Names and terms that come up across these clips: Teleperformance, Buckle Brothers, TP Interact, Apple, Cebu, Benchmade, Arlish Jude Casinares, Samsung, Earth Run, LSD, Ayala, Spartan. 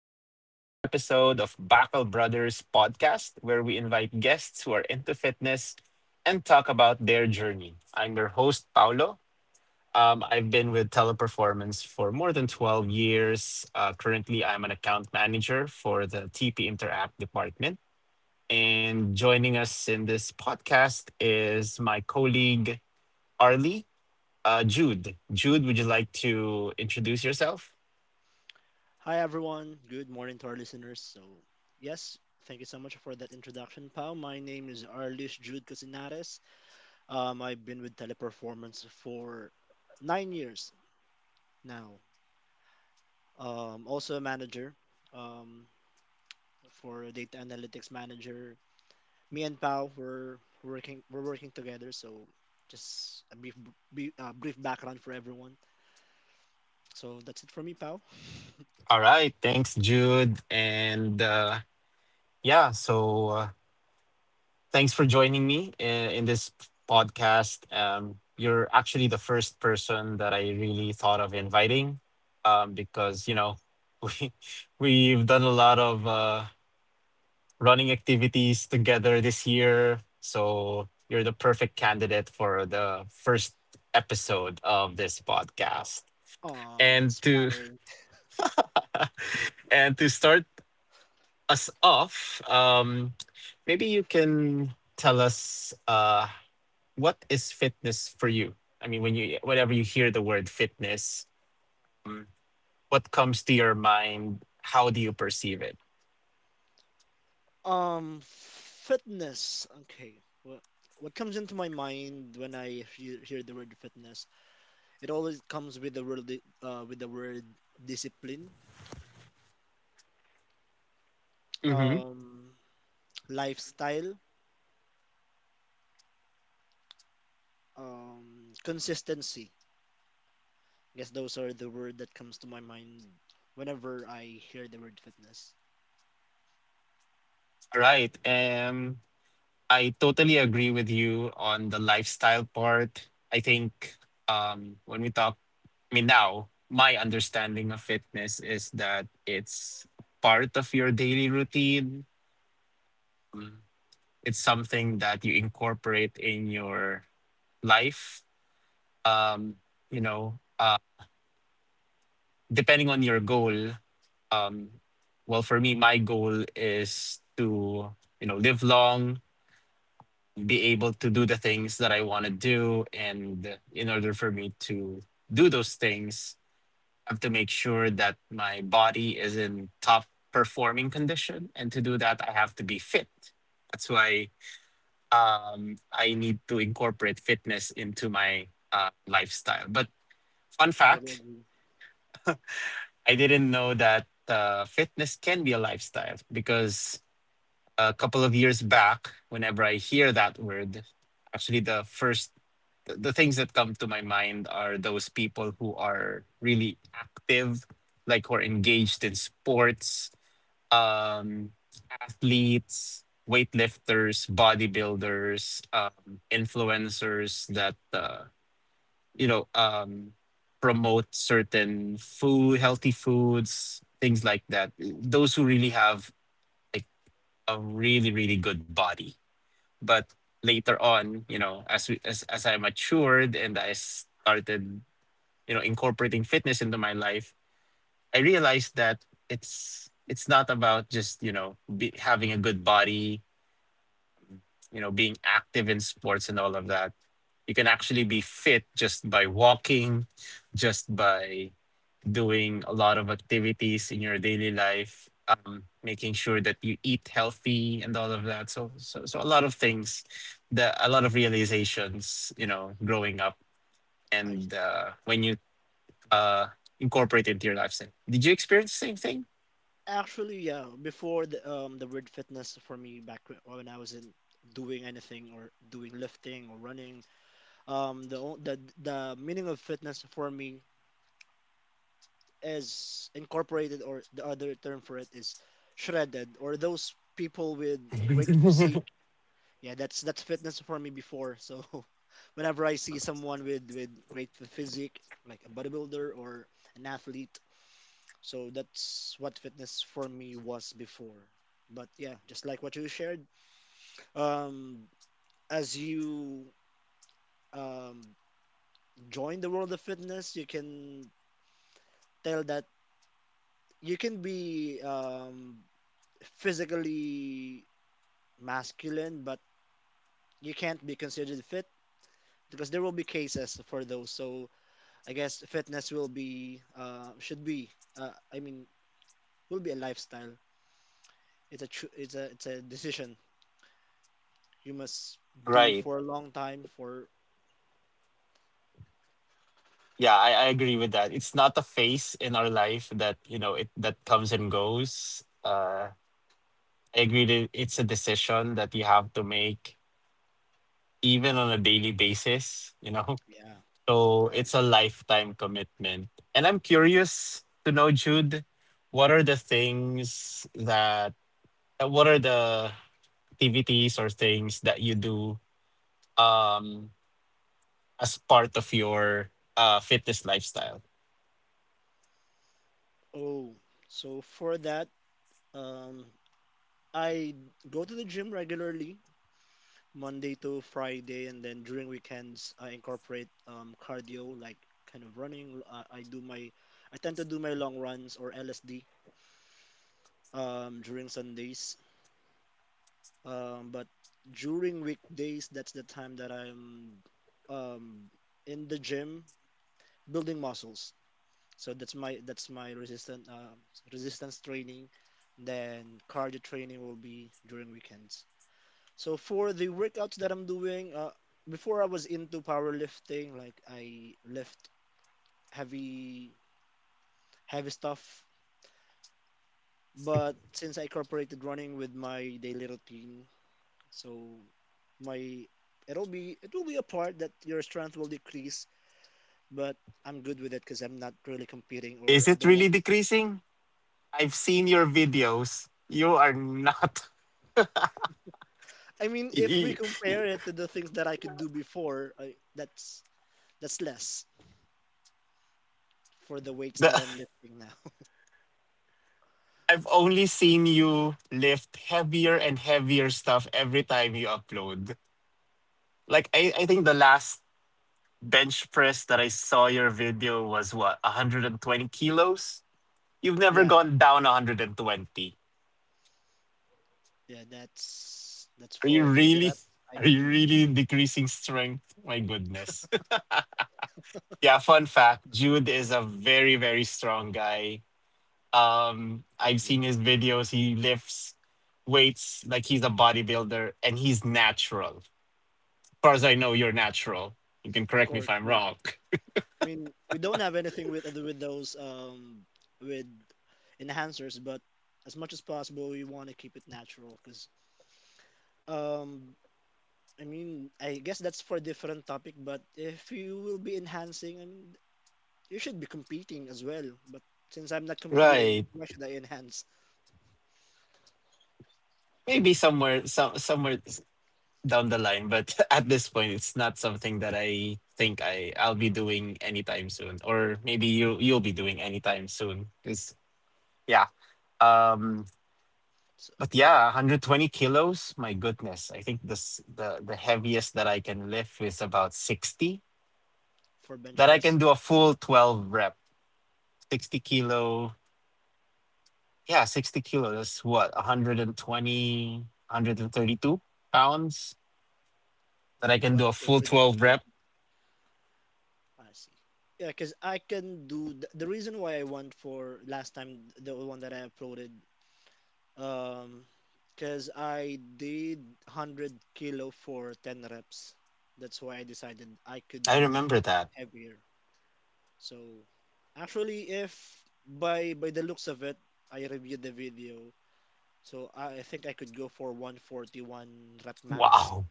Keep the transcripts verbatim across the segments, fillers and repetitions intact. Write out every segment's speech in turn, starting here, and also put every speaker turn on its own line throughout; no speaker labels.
to the first episode of Buckle Brothers podcast, where we invite guests who are into fitness and talk about their journey. I'm your host, Paolo. Um, I've been with Teleperformance for more than twelve years. Uh, currently, I'm an account manager for the T P Interact department. And joining us in this podcast is my colleague, Arlie uh, Jude. Jude, would you like to introduce yourself?
Hi, everyone. Good morning to our listeners. So, yes, thank you so much for that introduction, Pao. My name is Arlish Jude Casinares. Um, I've been with Teleperformance for nine years now. Um, also a manager um, for a data analytics manager. Me and Pao were working we're working together. So, just a brief, brief, uh, brief background for everyone. So that's it for me, Pao.
All right. Thanks, Jude. And uh, yeah, so uh, thanks for joining me in, in this podcast. Um, you're actually the first person that I really thought of inviting um, because, you know, we, we've done a lot of uh, running activities together this year. So you're the perfect candidate for the first episode of this podcast.
Aw,
And
that's
to
flattering.
And to start us off, um, maybe you can tell us uh, what is fitness for you? I mean, when you whenever you hear the word fitness, what comes to your mind? How do you perceive it?
Um, fitness. Okay. What what comes into my mind when I hear, hear the word fitness? It always comes with the word di- uh, with the word discipline,
Mm-hmm.
um, lifestyle, um, consistency. I guess those are the word that comes to my mind whenever I hear the word fitness.
Right. Um, I totally agree with you on the lifestyle part. I think um, when we talk, I mean, now my understanding of fitness is that it's part of your daily routine. It's something that you incorporate in your life. Um, you know, uh, depending on your goal, um, well, for me, my goal is to, you know, live long, be able to do the things that I want to do. And in order for me to do those things, I have to make sure that my body is in top performing condition. And to do that, I have to be fit. That's why um, I need to incorporate fitness into my uh, lifestyle. But fun
Totally
fact,
agree.
I didn't know that uh, fitness can be a lifestyle because a couple of years back, whenever I hear that word, actually the first the the things that come to my mind are those people who are really active, like who are engaged in sports, um, athletes, weightlifters, bodybuilders, um, influencers that uh, you know um, promote certain food, healthy foods, things like that. Those who really have like a really really good body. But later on, you know, as we, as as I matured and I started, you know, incorporating fitness into my life, I realized that it's it's not about just you know be, having a good body, you know, being active in sports and all of that. You can actually be fit just by walking, just by doing a lot of activities in your daily life, um, making sure that you eat healthy and all of that. So, so, so a lot of things, that a lot of realizations, you know, growing up
I
and uh, when you uh, incorporate it into your lifestyle. Did you experience the same
actually yeah. Before, the um the word fitness for me back wh- when I wasn't doing anything or doing lifting or running, um the o- the the meaning of fitness for me is incorporated, or the other term for it is shredded, or those people with great
thing?
physique. Yeah that's that's fitness for me before. So whenever I see someone with with great ph- physique, like a bodybuilder or an athlete, so that's what fitness for me was before. But yeah, just like what you shared, um as you um join the world of fitness, you can tell that you can be um, physically masculine, but you can't be considered fit because there will be cases for those. So I guess fitness will be uh, should be uh, I mean will be a lifestyle. It's a cho- it's a it's a decision you must do
Right.
for a long time for.
Yeah, I, I agree with that. It's not a phase in our life that, you know, it that comes and goes. Uh I agree that it's a decision that you have to make even on a daily basis, you know.
Yeah,
So
right.
it's a lifetime commitment. And I'm curious to know, Jude, what are the things that uh, what are the activities or things that you do um as part of your uh fitness lifestyle?
Oh, so for that, um, I go to the gym regularly Monday to Friday, and then during weekends, I incorporate um, cardio, like kind of running. Uh, I do my, I tend to do my long runs or L S D um, during Sundays. Um, but during weekdays, that's the time that I'm um, in the gym building muscles. So that's my that's my resistant uh, resistance training. Then cardio training will be during weekends. So for the workouts that I'm doing, uh, before I was into powerlifting, like I lift heavy, heavy stuff. But since I incorporated running with my daily routine, so my it'll be it will be a part that your strength will decrease, but I'm good with it because I'm not really competing or
Is
I
it
don't
really
want.
decreasing? I've seen your videos. You are not.
I mean, if we
y- y-
compare it to the things that I could do before, I, that's that's less for the weights
The,
that I'm lifting now.
I've only seen you lift heavier and heavier stuff every time you upload. Like I, I think the last bench press that I saw your video was what, one hundred twenty kilos. You've never
Yeah.
gone down one hundred twenty.
Yeah, that's that's
Are you
for three
really?
reps, I
Are you
believe.
really decreasing strength? My goodness. Yeah, fun fact, Jude is a very, very strong guy. Um, I've
Thank you,
seen
bro.
his videos. He lifts weights like he's a bodybuilder and he's natural. As far as I know, you're natural. You can
Of
correct me if
course,
I'm
yeah.
wrong.
I mean, we don't have anything with with those um with enhancers, but as much as possible, we want to keep it natural. Cause um, I mean, I guess that's for a different topic. But if you will be enhancing, I mean, you should be competing as well. But since I'm not competing,
Right.
why should I enhance?
Maybe somewhere so, somewhere down the line, but at this point it's not something that I think I I'll be doing anytime soon or maybe you you'll be doing anytime soon cuz yeah. Um
So
but
yeah,
yeah, one hundred twenty kilos, my goodness. I think this the the heaviest that I can lift is about sixty
for bench
that I
press,
can do a full twelve rep, sixty kilo. Yeah, sixty kilo. That's what, one hundred and twenty, one hundred and thirty-two pounds that
not
I can do
quite
a
sure
full
with the
twelve rep.
conversion. I see. Yeah, because I can do th- the reason why I went for last time the one that I uploaded, um, because I did one hundred kilo for ten reps. That's why I decided I could
I
do
remember that.
heavier. So actually, if by by the looks of it, I reviewed the video, so I think I could go for one forty-one rep max.
Wow.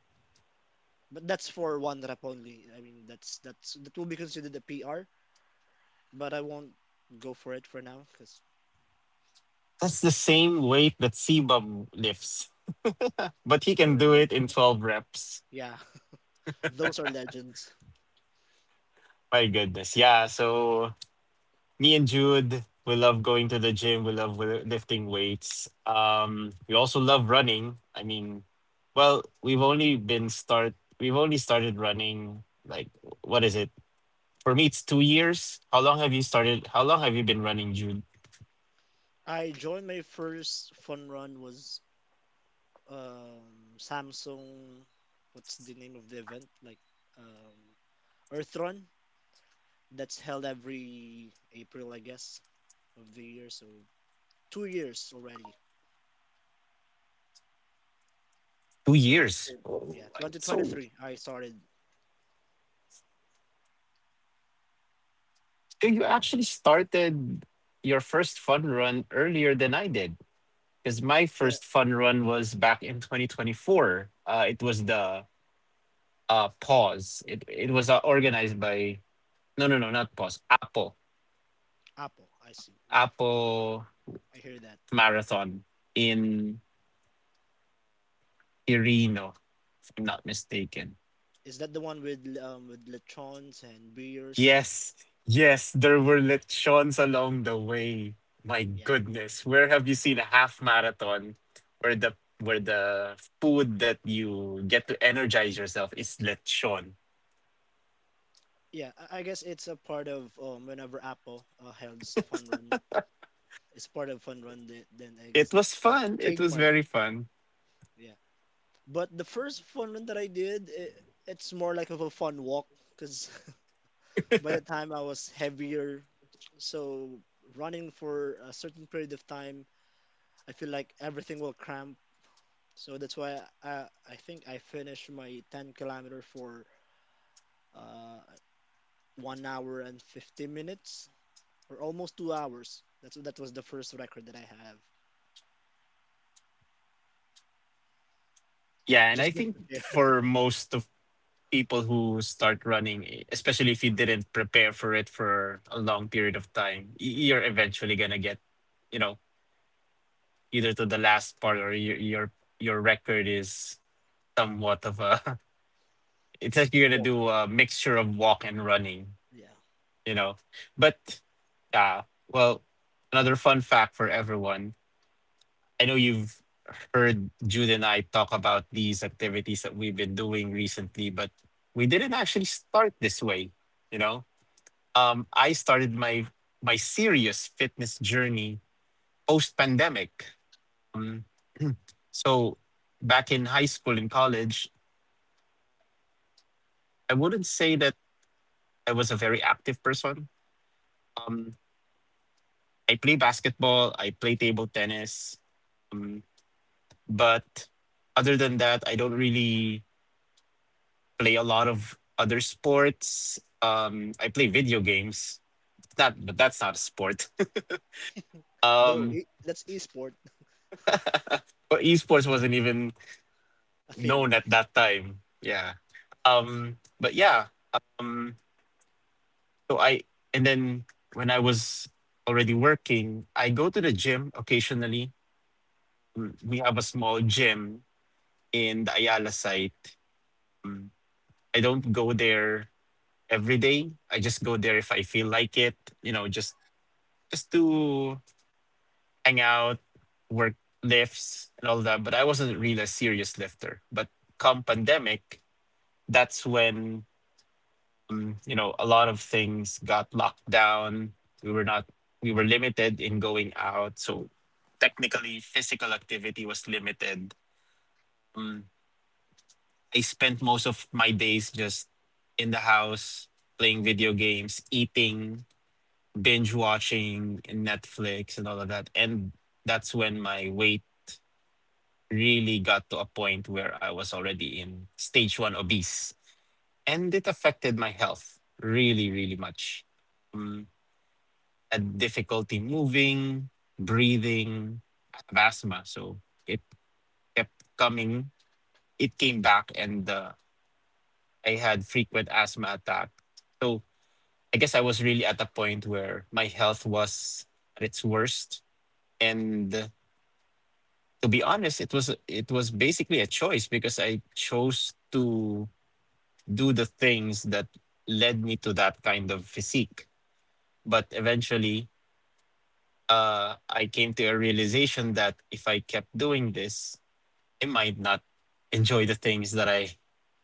But that's for one rep only. I mean, that's that's that will be considered a P R, but I won't go for it for now because
That's the same weight that Sebum lifts, but he can
for
do it in
Benchmade,
twelve reps.
yeah, those are legends.
My goodness. Yeah. So me and Jude, we love going to the gym. We love wi- lifting weights. Um, we also love running. I mean, well, we've only been start. We've only started running. Like, what is it? For me, it's two years. How long have you started? How long have you been running, Jude?
I joined my first fun run was um, Samsung. What's the name of the event? Like um, Earth Run. That's held every April, I guess, of the year. So two years already.
Two
So
years.
since- yeah,
Oh, I- So
twenty twenty-three. I started
so you actually
April.
started your first fun run earlier than I did. Because my
Yeah,
first fun run was back in twenty twenty-four. Uh, it was the uh pause it it was uh, organized by no no no, not pause, apple,
Apple. I see. Yeah,
apple
I hear that.
marathon in irino if I'm not mistaken.
Is that the one with um with lechons and beers?
Yes, yes, there were lechons along the way. My
Yeah,
goodness, where have you seen a half marathon where the where the food that you get to energize yourself is lechon?
yeah, I I guess it's a part of um, whenever Apple uh, holds Fun Run, it's part of Fun Run. Then, then I
It
guess
was
that's the, the
fun, it was
trademark.
very fun.
Yeah, but the first Fun Run that I did, it, it's more like of a fun walk because by the time I was heavier, so running for a certain period of time, I feel like everything will cramp. So that's why I I think I finished my ten kilometer for uh one hour and fifty minutes, for almost two hours. That's that was the first record that I have.
Yeah, and I
Just just
think
to share.
for most of people who start running, especially if you didn't prepare for it for a long period of time, y- you're eventually gonna get, you know, either to the last part or your your your record is somewhat of a. It's like you're gonna
Walk.
do a mixture of walk and running,
Yeah.
you know. But yeah, well, another fun fact for everyone. I know you've heard Jude and I talk about these activities that we've been doing recently, but we didn't actually start this way, you know um, I started my my serious fitness journey post pandemic. Um, so back in high school and college, I wouldn't say that I was a very active person. Um, I play basketball, I play table tennis, um, but other than that, I don't really play a lot of other sports. Um, I play video games. That, but that's not a sport.
Though
Um,
it, that's esport
but esports wasn't even
a thing.
known at that time. Yeah. Um, but yeah. Um, so I and then when I was already working, I go to the gym occasionally. Mm, we have a small gym in the Ayala site. Mm, I don't go there every day. I just go there if I feel like it, you know, just just to hang out, work lifts and all that. But I wasn't really a serious lifter. But come pandemic, that's when um, you know, a lot of things got locked down. We were not, we were limited in going out. So technically, physical activity was limited. Um, I spent most of my days just in the house playing video games, eating, binge watching Netflix and all of that. And that's when my weight really got to a point where I was already in stage one obese. And it affected my health really, really much. Mm. Had difficulty moving, breathing. I have asthma, so it kept coming. It came back, and uh, I had frequent asthma attack. So I guess I was really at a point where my health was at its worst. And uh, to be honest, it was it was basically a choice because I chose to do the things that led me to that kind of physique. But eventually, uh, I came to a realization that if I kept doing this, I might not enjoy the things that I,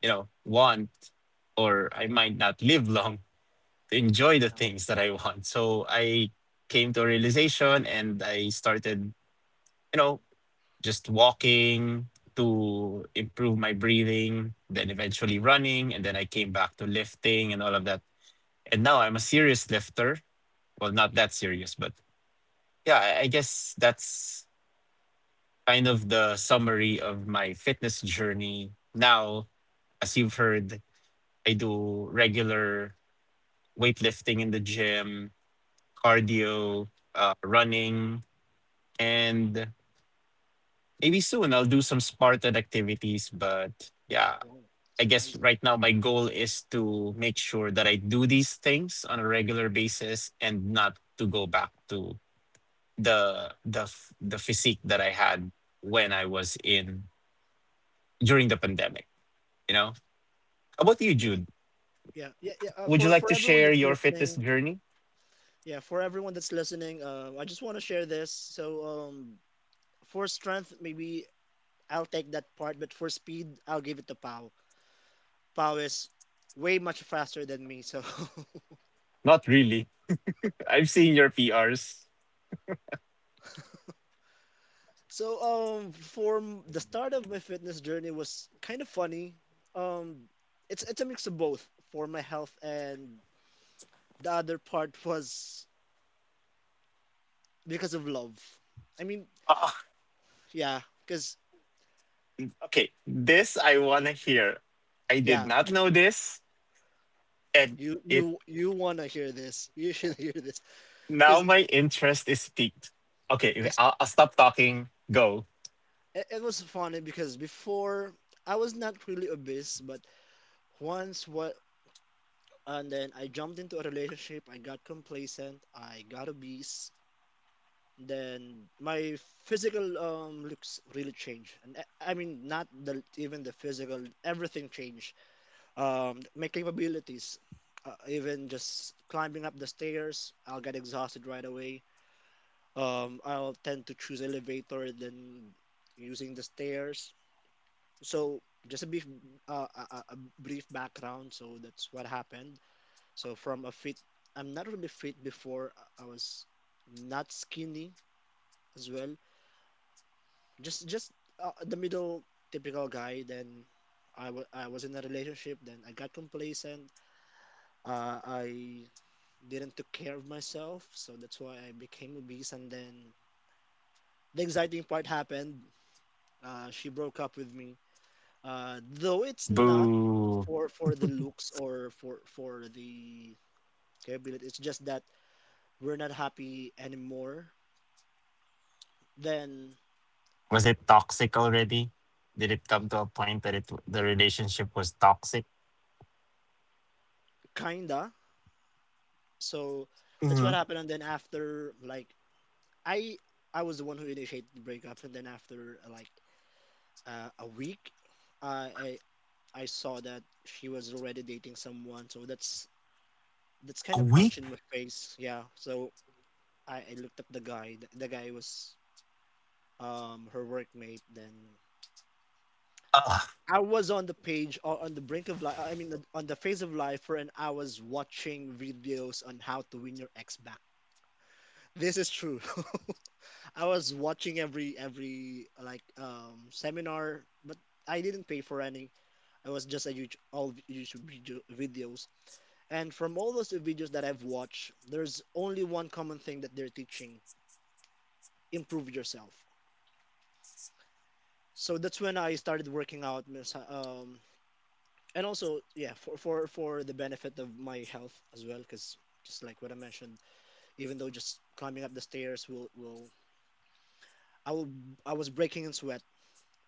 you know, want, or I
Yeah.
might not live long to
Long
enjoy the
enough.
things that I want. So I came to a realization and I started, you know, just walking to improve my breathing, then eventually running, and then I came back to lifting and all of that. And now I'm a serious lifter. Well, not that serious, but yeah, I I guess that's kind of the summary of my fitness journey. Now, as you've heard, I do regular weightlifting in the gym, cardio, uh, running, and maybe soon I'll do some Spartan activities. But yeah,
Wow.
I
It's
guess
nice.
right now my goal is to make sure that I do these things on a regular basis and not to go back to the the the physique that I had when I was in during the pandemic. You know, how about you,
Yeah.
Jude?
Yeah. Yeah. Yeah. Uh,
Would you
for
like
for
to
everyone
share
that's
your fitness
listening.
journey?
Yeah. For everyone that's listening. Uh, I just want to share this. So um, for strength, maybe I'll take that part, but for speed, I'll give it to Pau. Pau is way much faster than me. So
Not really. I've seen your P Rs.
so um for m- the start of my fitness journey was kind of funny. Um it's it's a mix of both, for my health and the other part was because of love. I mean,
Ah,
yeah, cuz
okay, this I wanna hear. I did
yeah,
not know this, and
you
it
you you want to hear this. You should hear this
now
cuz
my interest is piqued. Okay, okay,
it's
I'll, I'll stop talking. Go.
it, it was funny because before I was not really obese, but once what and then I jumped into a relationship, I got complacent, I got obese, then my physical um looks really changed, and I I mean not the even the physical, everything changed, um my capabilities, uh, even just climbing up the stairs I'll get exhausted right away, um I'll tend to choose elevator than using the stairs. So just a brief uh, a, a a brief background, so that's what happened. So from a fit, I'm not really fit before, I I was not skinny as well, just just uh, the middle typical guy. Then I wa- I was in a relationship, then I got complacent, uh, I didn't took care of myself, so that's why I became obese. And then the exciting part happened: uh, she broke up with me. Uh, though it's not
Boo.
for for the looks or for for the capability, it's just that we're not happy anymore. Then,
Was it toxic already? Did it come to a point that it the relationship was toxic?
kinda. So that's what
Mm-hmm.
happened. And then after like, I I was the one who initiated the breakup, and then after uh, like uh, a week, uh, I I saw that she was already dating someone. So that's that's
A
kind of punch
week?
in my face. Yeah. So I, I looked up the guy. The, the guy was um her workmate. Then
Ah.
I was on the page, or on the brink of life. I mean, on the face of life, and I was watching videos on how to win your ex back. This is true. I was watching every every like um seminar, but I didn't pay for any. I was just a huge all v- YouTube video, videos, and from all those videos that I've watched, there's only one common thing that they're teaching: improve yourself. So that's when I started working out, miss- um, and also yeah, for for for the benefit of my health as well, because just like what I mentioned, even though just climbing up the stairs will will I will I was breaking in sweat.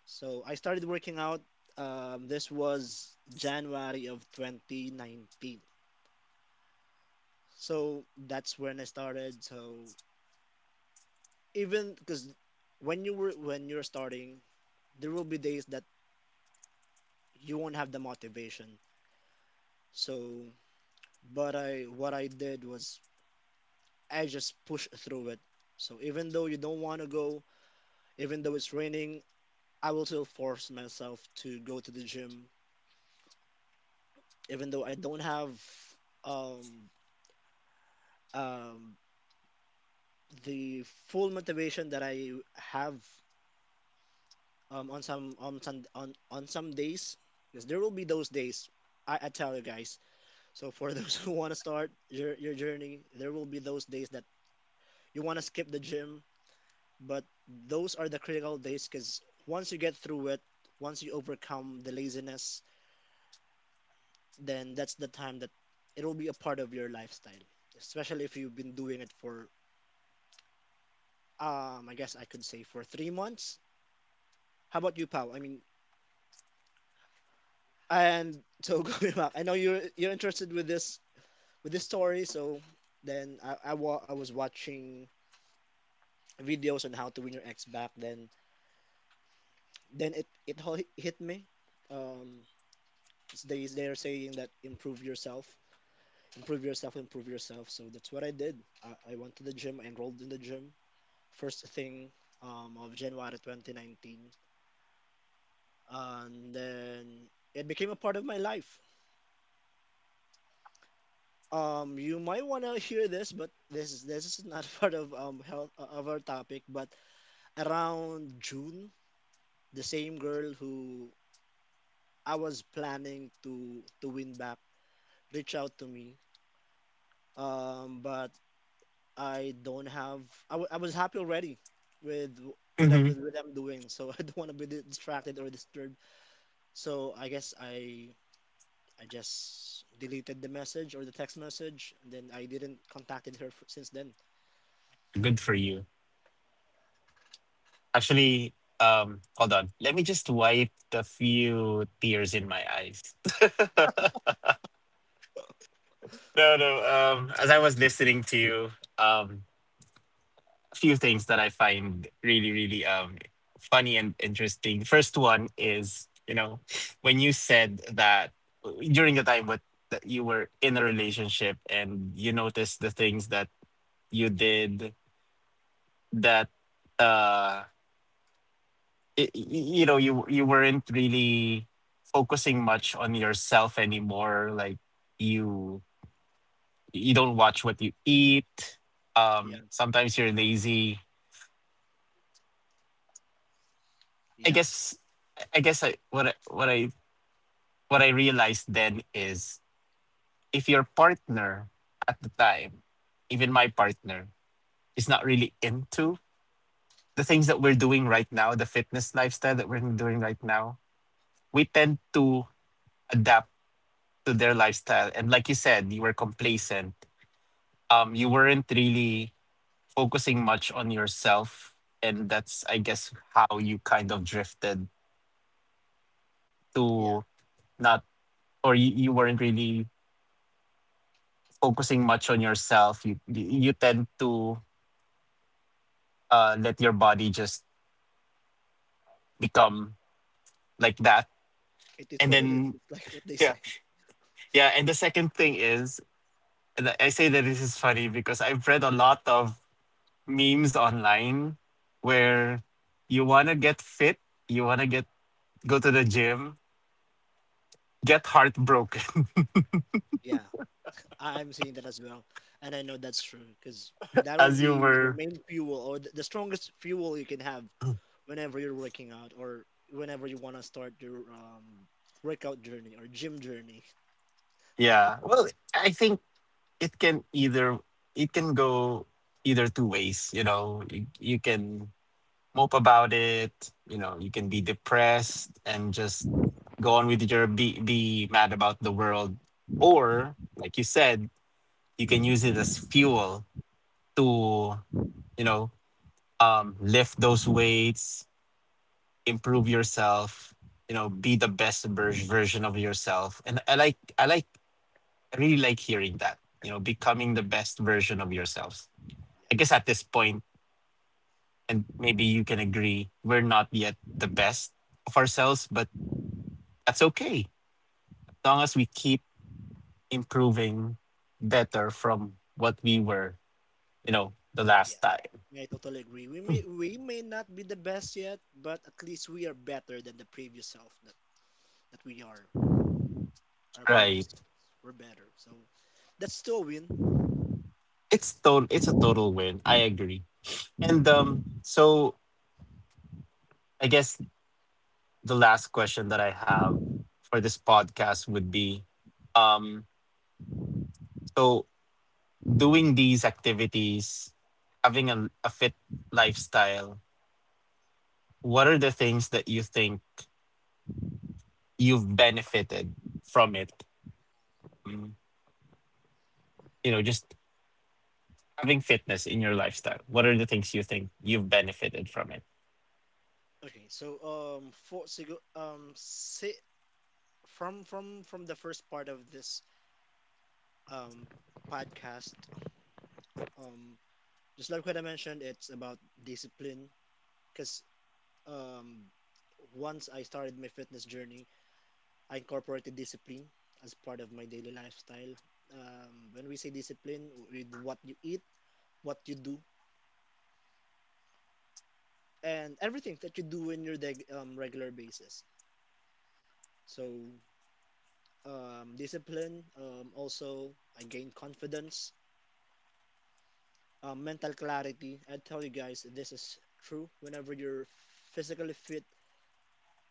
So I started working out. Um, this was January of twenty nineteen. So that's when I started. So even because when you were when you're starting, there will be days that you won't have the motivation. So but I what I did was I just pushed through it. So even though you don't want to go, even though it's raining, I will still force myself to go to the gym. Even though I don't have um um the full motivation that I have um, on some on some on, on some days, because there will be those days. I, I tell you guys, so for those who want to start your, your journey, there will be those days that you want to skip the gym, but those are the critical days because once you get through it, once you overcome the laziness, then that's the time that it will be a part of your lifestyle, especially if you've been doing it for um I guess I could say for three months. How about you, Pal? I mean, and so going back, I know you're you're interested with this with this story. So then I I, wa- I was watching videos on how to win your ex back. Then then it it ho- hit me. Um, it's- they they're saying that improve yourself, improve yourself, improve yourself. So that's what I did. I, I went to the gym. I enrolled in the gym. First thing um, of January twenty nineteen, and then it became a part of my life. Um, you might want to hear this, but this is this is not part of um health uh, of our topic. But around June, the same girl who I was planning to to win back reached out to me. Um, but I don't have. I, w- I was happy already with with what
Hmm.
with what I'm doing, so I don't want to be di- distracted or disturbed. So I guess I I just deleted the message or the text message, and then I didn't contacted her f- since then.
Good for you. Actually, um, hold on. Let me just wipe the few tears in my eyes. No, no. Um, as I was listening to you, um, a few things that I find really, really um funny and interesting. First one is, you know, when you said that during the time what that you were in a relationship and you noticed the things that you did that uh y- y- you know you you weren't really focusing much on yourself anymore, like you you don't watch what you eat,
Yeah,
um, sometimes you're lazy. I
yeah,
guess I guess I, what I, what I, what I realized then is if your partner at the time, even my partner, is not really into the things that we're doing right now, the fitness lifestyle that we're doing right now, we tend to adapt to their lifestyle. And like you said, you were complacent. Um, you weren't really focusing much on yourself, and that's I guess how you kind of drifted
yeah.
to not, or you, you weren't really focusing much on yourself. You you tend to uh, let your body just become like that,
It is
and
what it is.
then
It's like what they
yeah,
say.
yeah. And the second thing is, and I say that this is funny because I've read a lot of memes online where you want to get fit, you want to get go to the gym, get heartbroken
Yeah, I- I'm seeing that as well, and I know that's true because that will
as you
be the
were.
main fuel or th- the strongest fuel you can have whenever you're working out or whenever you want to start your um, workout journey or gym journey.
Yeah. Well, I think it can either it can go either two ways, you know. You, you can mope about it, you know, you can be depressed and just go on with your be be mad about the world, or like you said, you can use it as fuel to, you know, um, lift those weights, improve yourself, you know, be the best ver- version of yourself. And I like, I like, I really like hearing that, you know, becoming the best version of yourselves.
Yeah,
I guess at this point, and maybe you can agree, we're not yet the best of ourselves, but that's okay. As long as we keep improving, better from what we were, you know, the last
yeah.
time.
Yeah, I totally agree. We may we may not be the best yet, but at least we are better than the previous self that, that we are. Our previous
Right.
selves were better. So that's still a win.
It's total, it's a total win. I agree. And, um, so I guess the last question that I have for this podcast would be, um, so doing these activities, having a, a fit lifestyle, what are the things that you think you've benefited from it? Mm, you know, just having fitness in your lifestyle. What are the things you think you've benefited from it?
Okay, so um for sigo um si from from from the first part of this um podcast, um just like what I mentioned, it's about discipline. Because um once I started my fitness journey, I incorporated discipline as part of my daily lifestyle. Um when we say discipline, with what you eat, what you do, and everything that you do in your deg- um, regular basis. So um discipline, um also I gained confidence, um, mental clarity. I tell you guys, this is true. Whenever you're physically fit,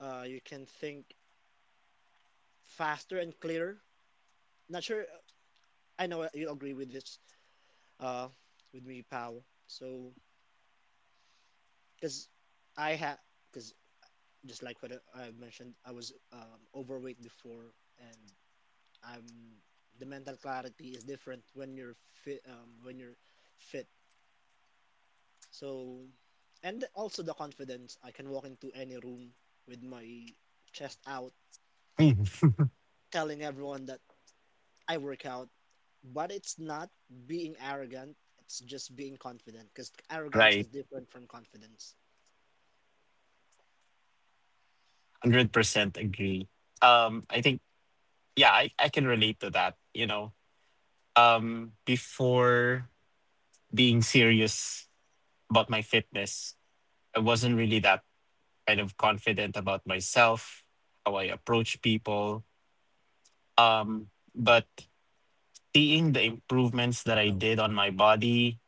uh, you can think faster and clearer. Not sure. I know you agree with this, uh, with me, pal. So, because I had, because just like what I mentioned, I was um, overweight before, and I'm the mental clarity is different when you're fit. Um, when you're fit. So, and also the confidence, I can walk into any room with my chest out,
Mhm.
telling everyone that I work out. But it's not being arrogant, it's just being confident, because arrogance is
Right.
different from confidence.
one hundred percent agree. Um, I think, yeah, I, I can relate to that. You know, um, before being serious about my fitness, I wasn't really that kind of confident about myself, how I approach people. Um, but seeing the improvements that I
Oh,
did on my body,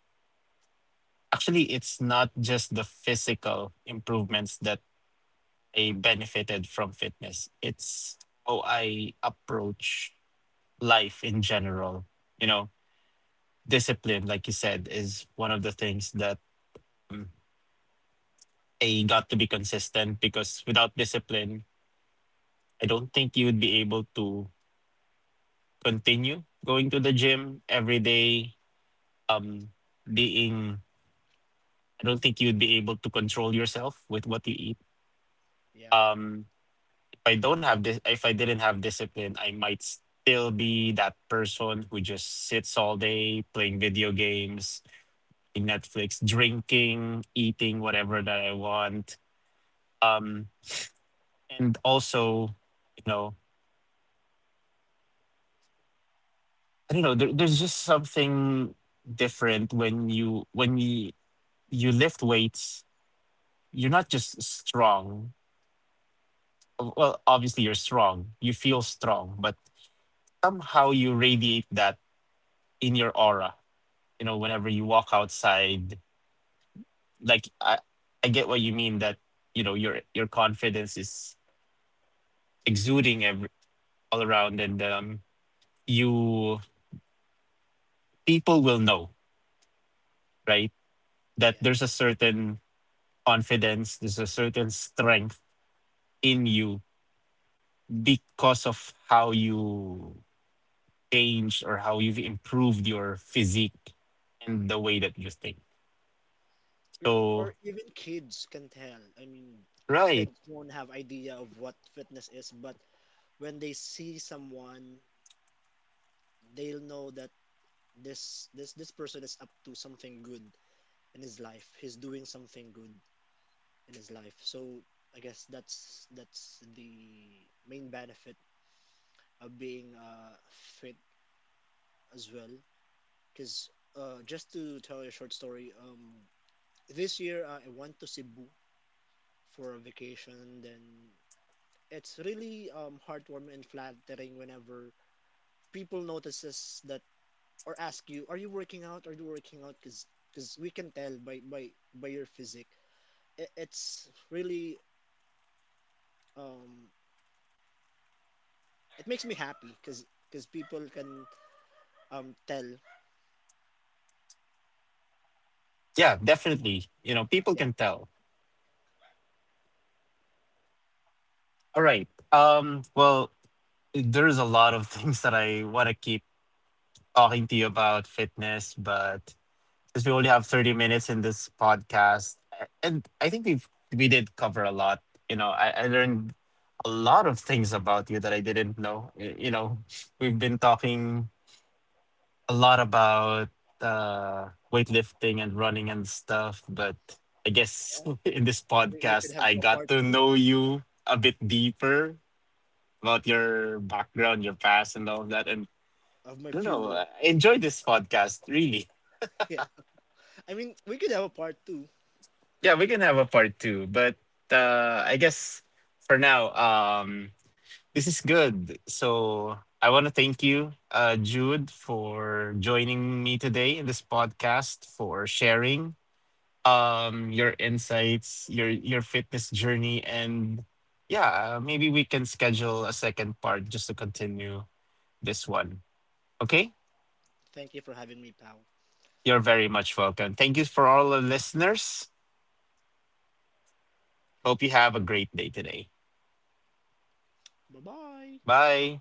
actually, it's not just the physical improvements that I benefited from fitness, it's how I approach life in general. You know, discipline, like you said, is one of the things that, um, I got to be consistent, because without discipline, I don't think you would be able to continue going to the gym every
yeah.
day. Um, being, I don't think you would be able to control yourself with what you eat.
Yeah,
Um, if I don't have this, if I didn't have discipline, I might still be that person who just sits all day playing video games, in Netflix, drinking, eating whatever that I want. Um, and also, you know, I don't know. There, there's just something different when you when you you lift weights, you're not just strong. Well, obviously you're strong. You feel strong, but somehow you radiate that in your aura. You know, whenever you walk outside, like I, I get what you mean that, you know, your your confidence is exuding every all around, and, um, you people will know, right? That
yeah,
there's a certain confidence, there's a certain strength in you because of how you changed or how you've improved your physique and the way that you think.
yeah. Or,
So,
or even kids can tell. I mean,
right.
kids won't have idea of what fitness is, but when they see someone, they'll know that this this this person is up to something good in his life. He's doing something good in his life. So I guess that's that's the main benefit of being uh, fit as well. Because uh, just to tell you a short story, um, this year uh, I went to Cebu for a vacation. And then it's really um, heartwarming and flattering whenever people notices that or ask you, "Are you working out? Are you working out?" Because because we can tell by by by your physique. It, it's really um it makes me happy because because people can um tell.
Yeah, definitely. You know, people
Yeah,
can tell. All right. Um, well, there's a lot of things that I want to keep talking to you about fitness, but since we only have thirty minutes in this podcast, a- and I think we've we did cover a lot. You know, I, I learned a lot of things about you that I didn't know. Y- You know, we've been talking a lot about, uh, weightlifting and running and stuff, but I guess
yeah,
in this
we, we
podcast,
could have
I
a
got
part
to
two
know you a bit deeper about your background, your past, and all of that. And
of
I
my
don't know,
fuel.
I enjoy this podcast, really.
Yeah, I mean, we could have a part two.
Yeah, we can have a part two, but, uh, I guess for now, um, this is good. So I want to thank you, uh, Jude, for joining me today in this podcast, for sharing, um, your insights, your your fitness journey, and yeah, uh, maybe we can schedule a second part just to continue this one, okay.
Thank you for having me, pal.
You're very much welcome. Thank you for all the listeners. Hope you have a great day today.
Bye bye.
Bye.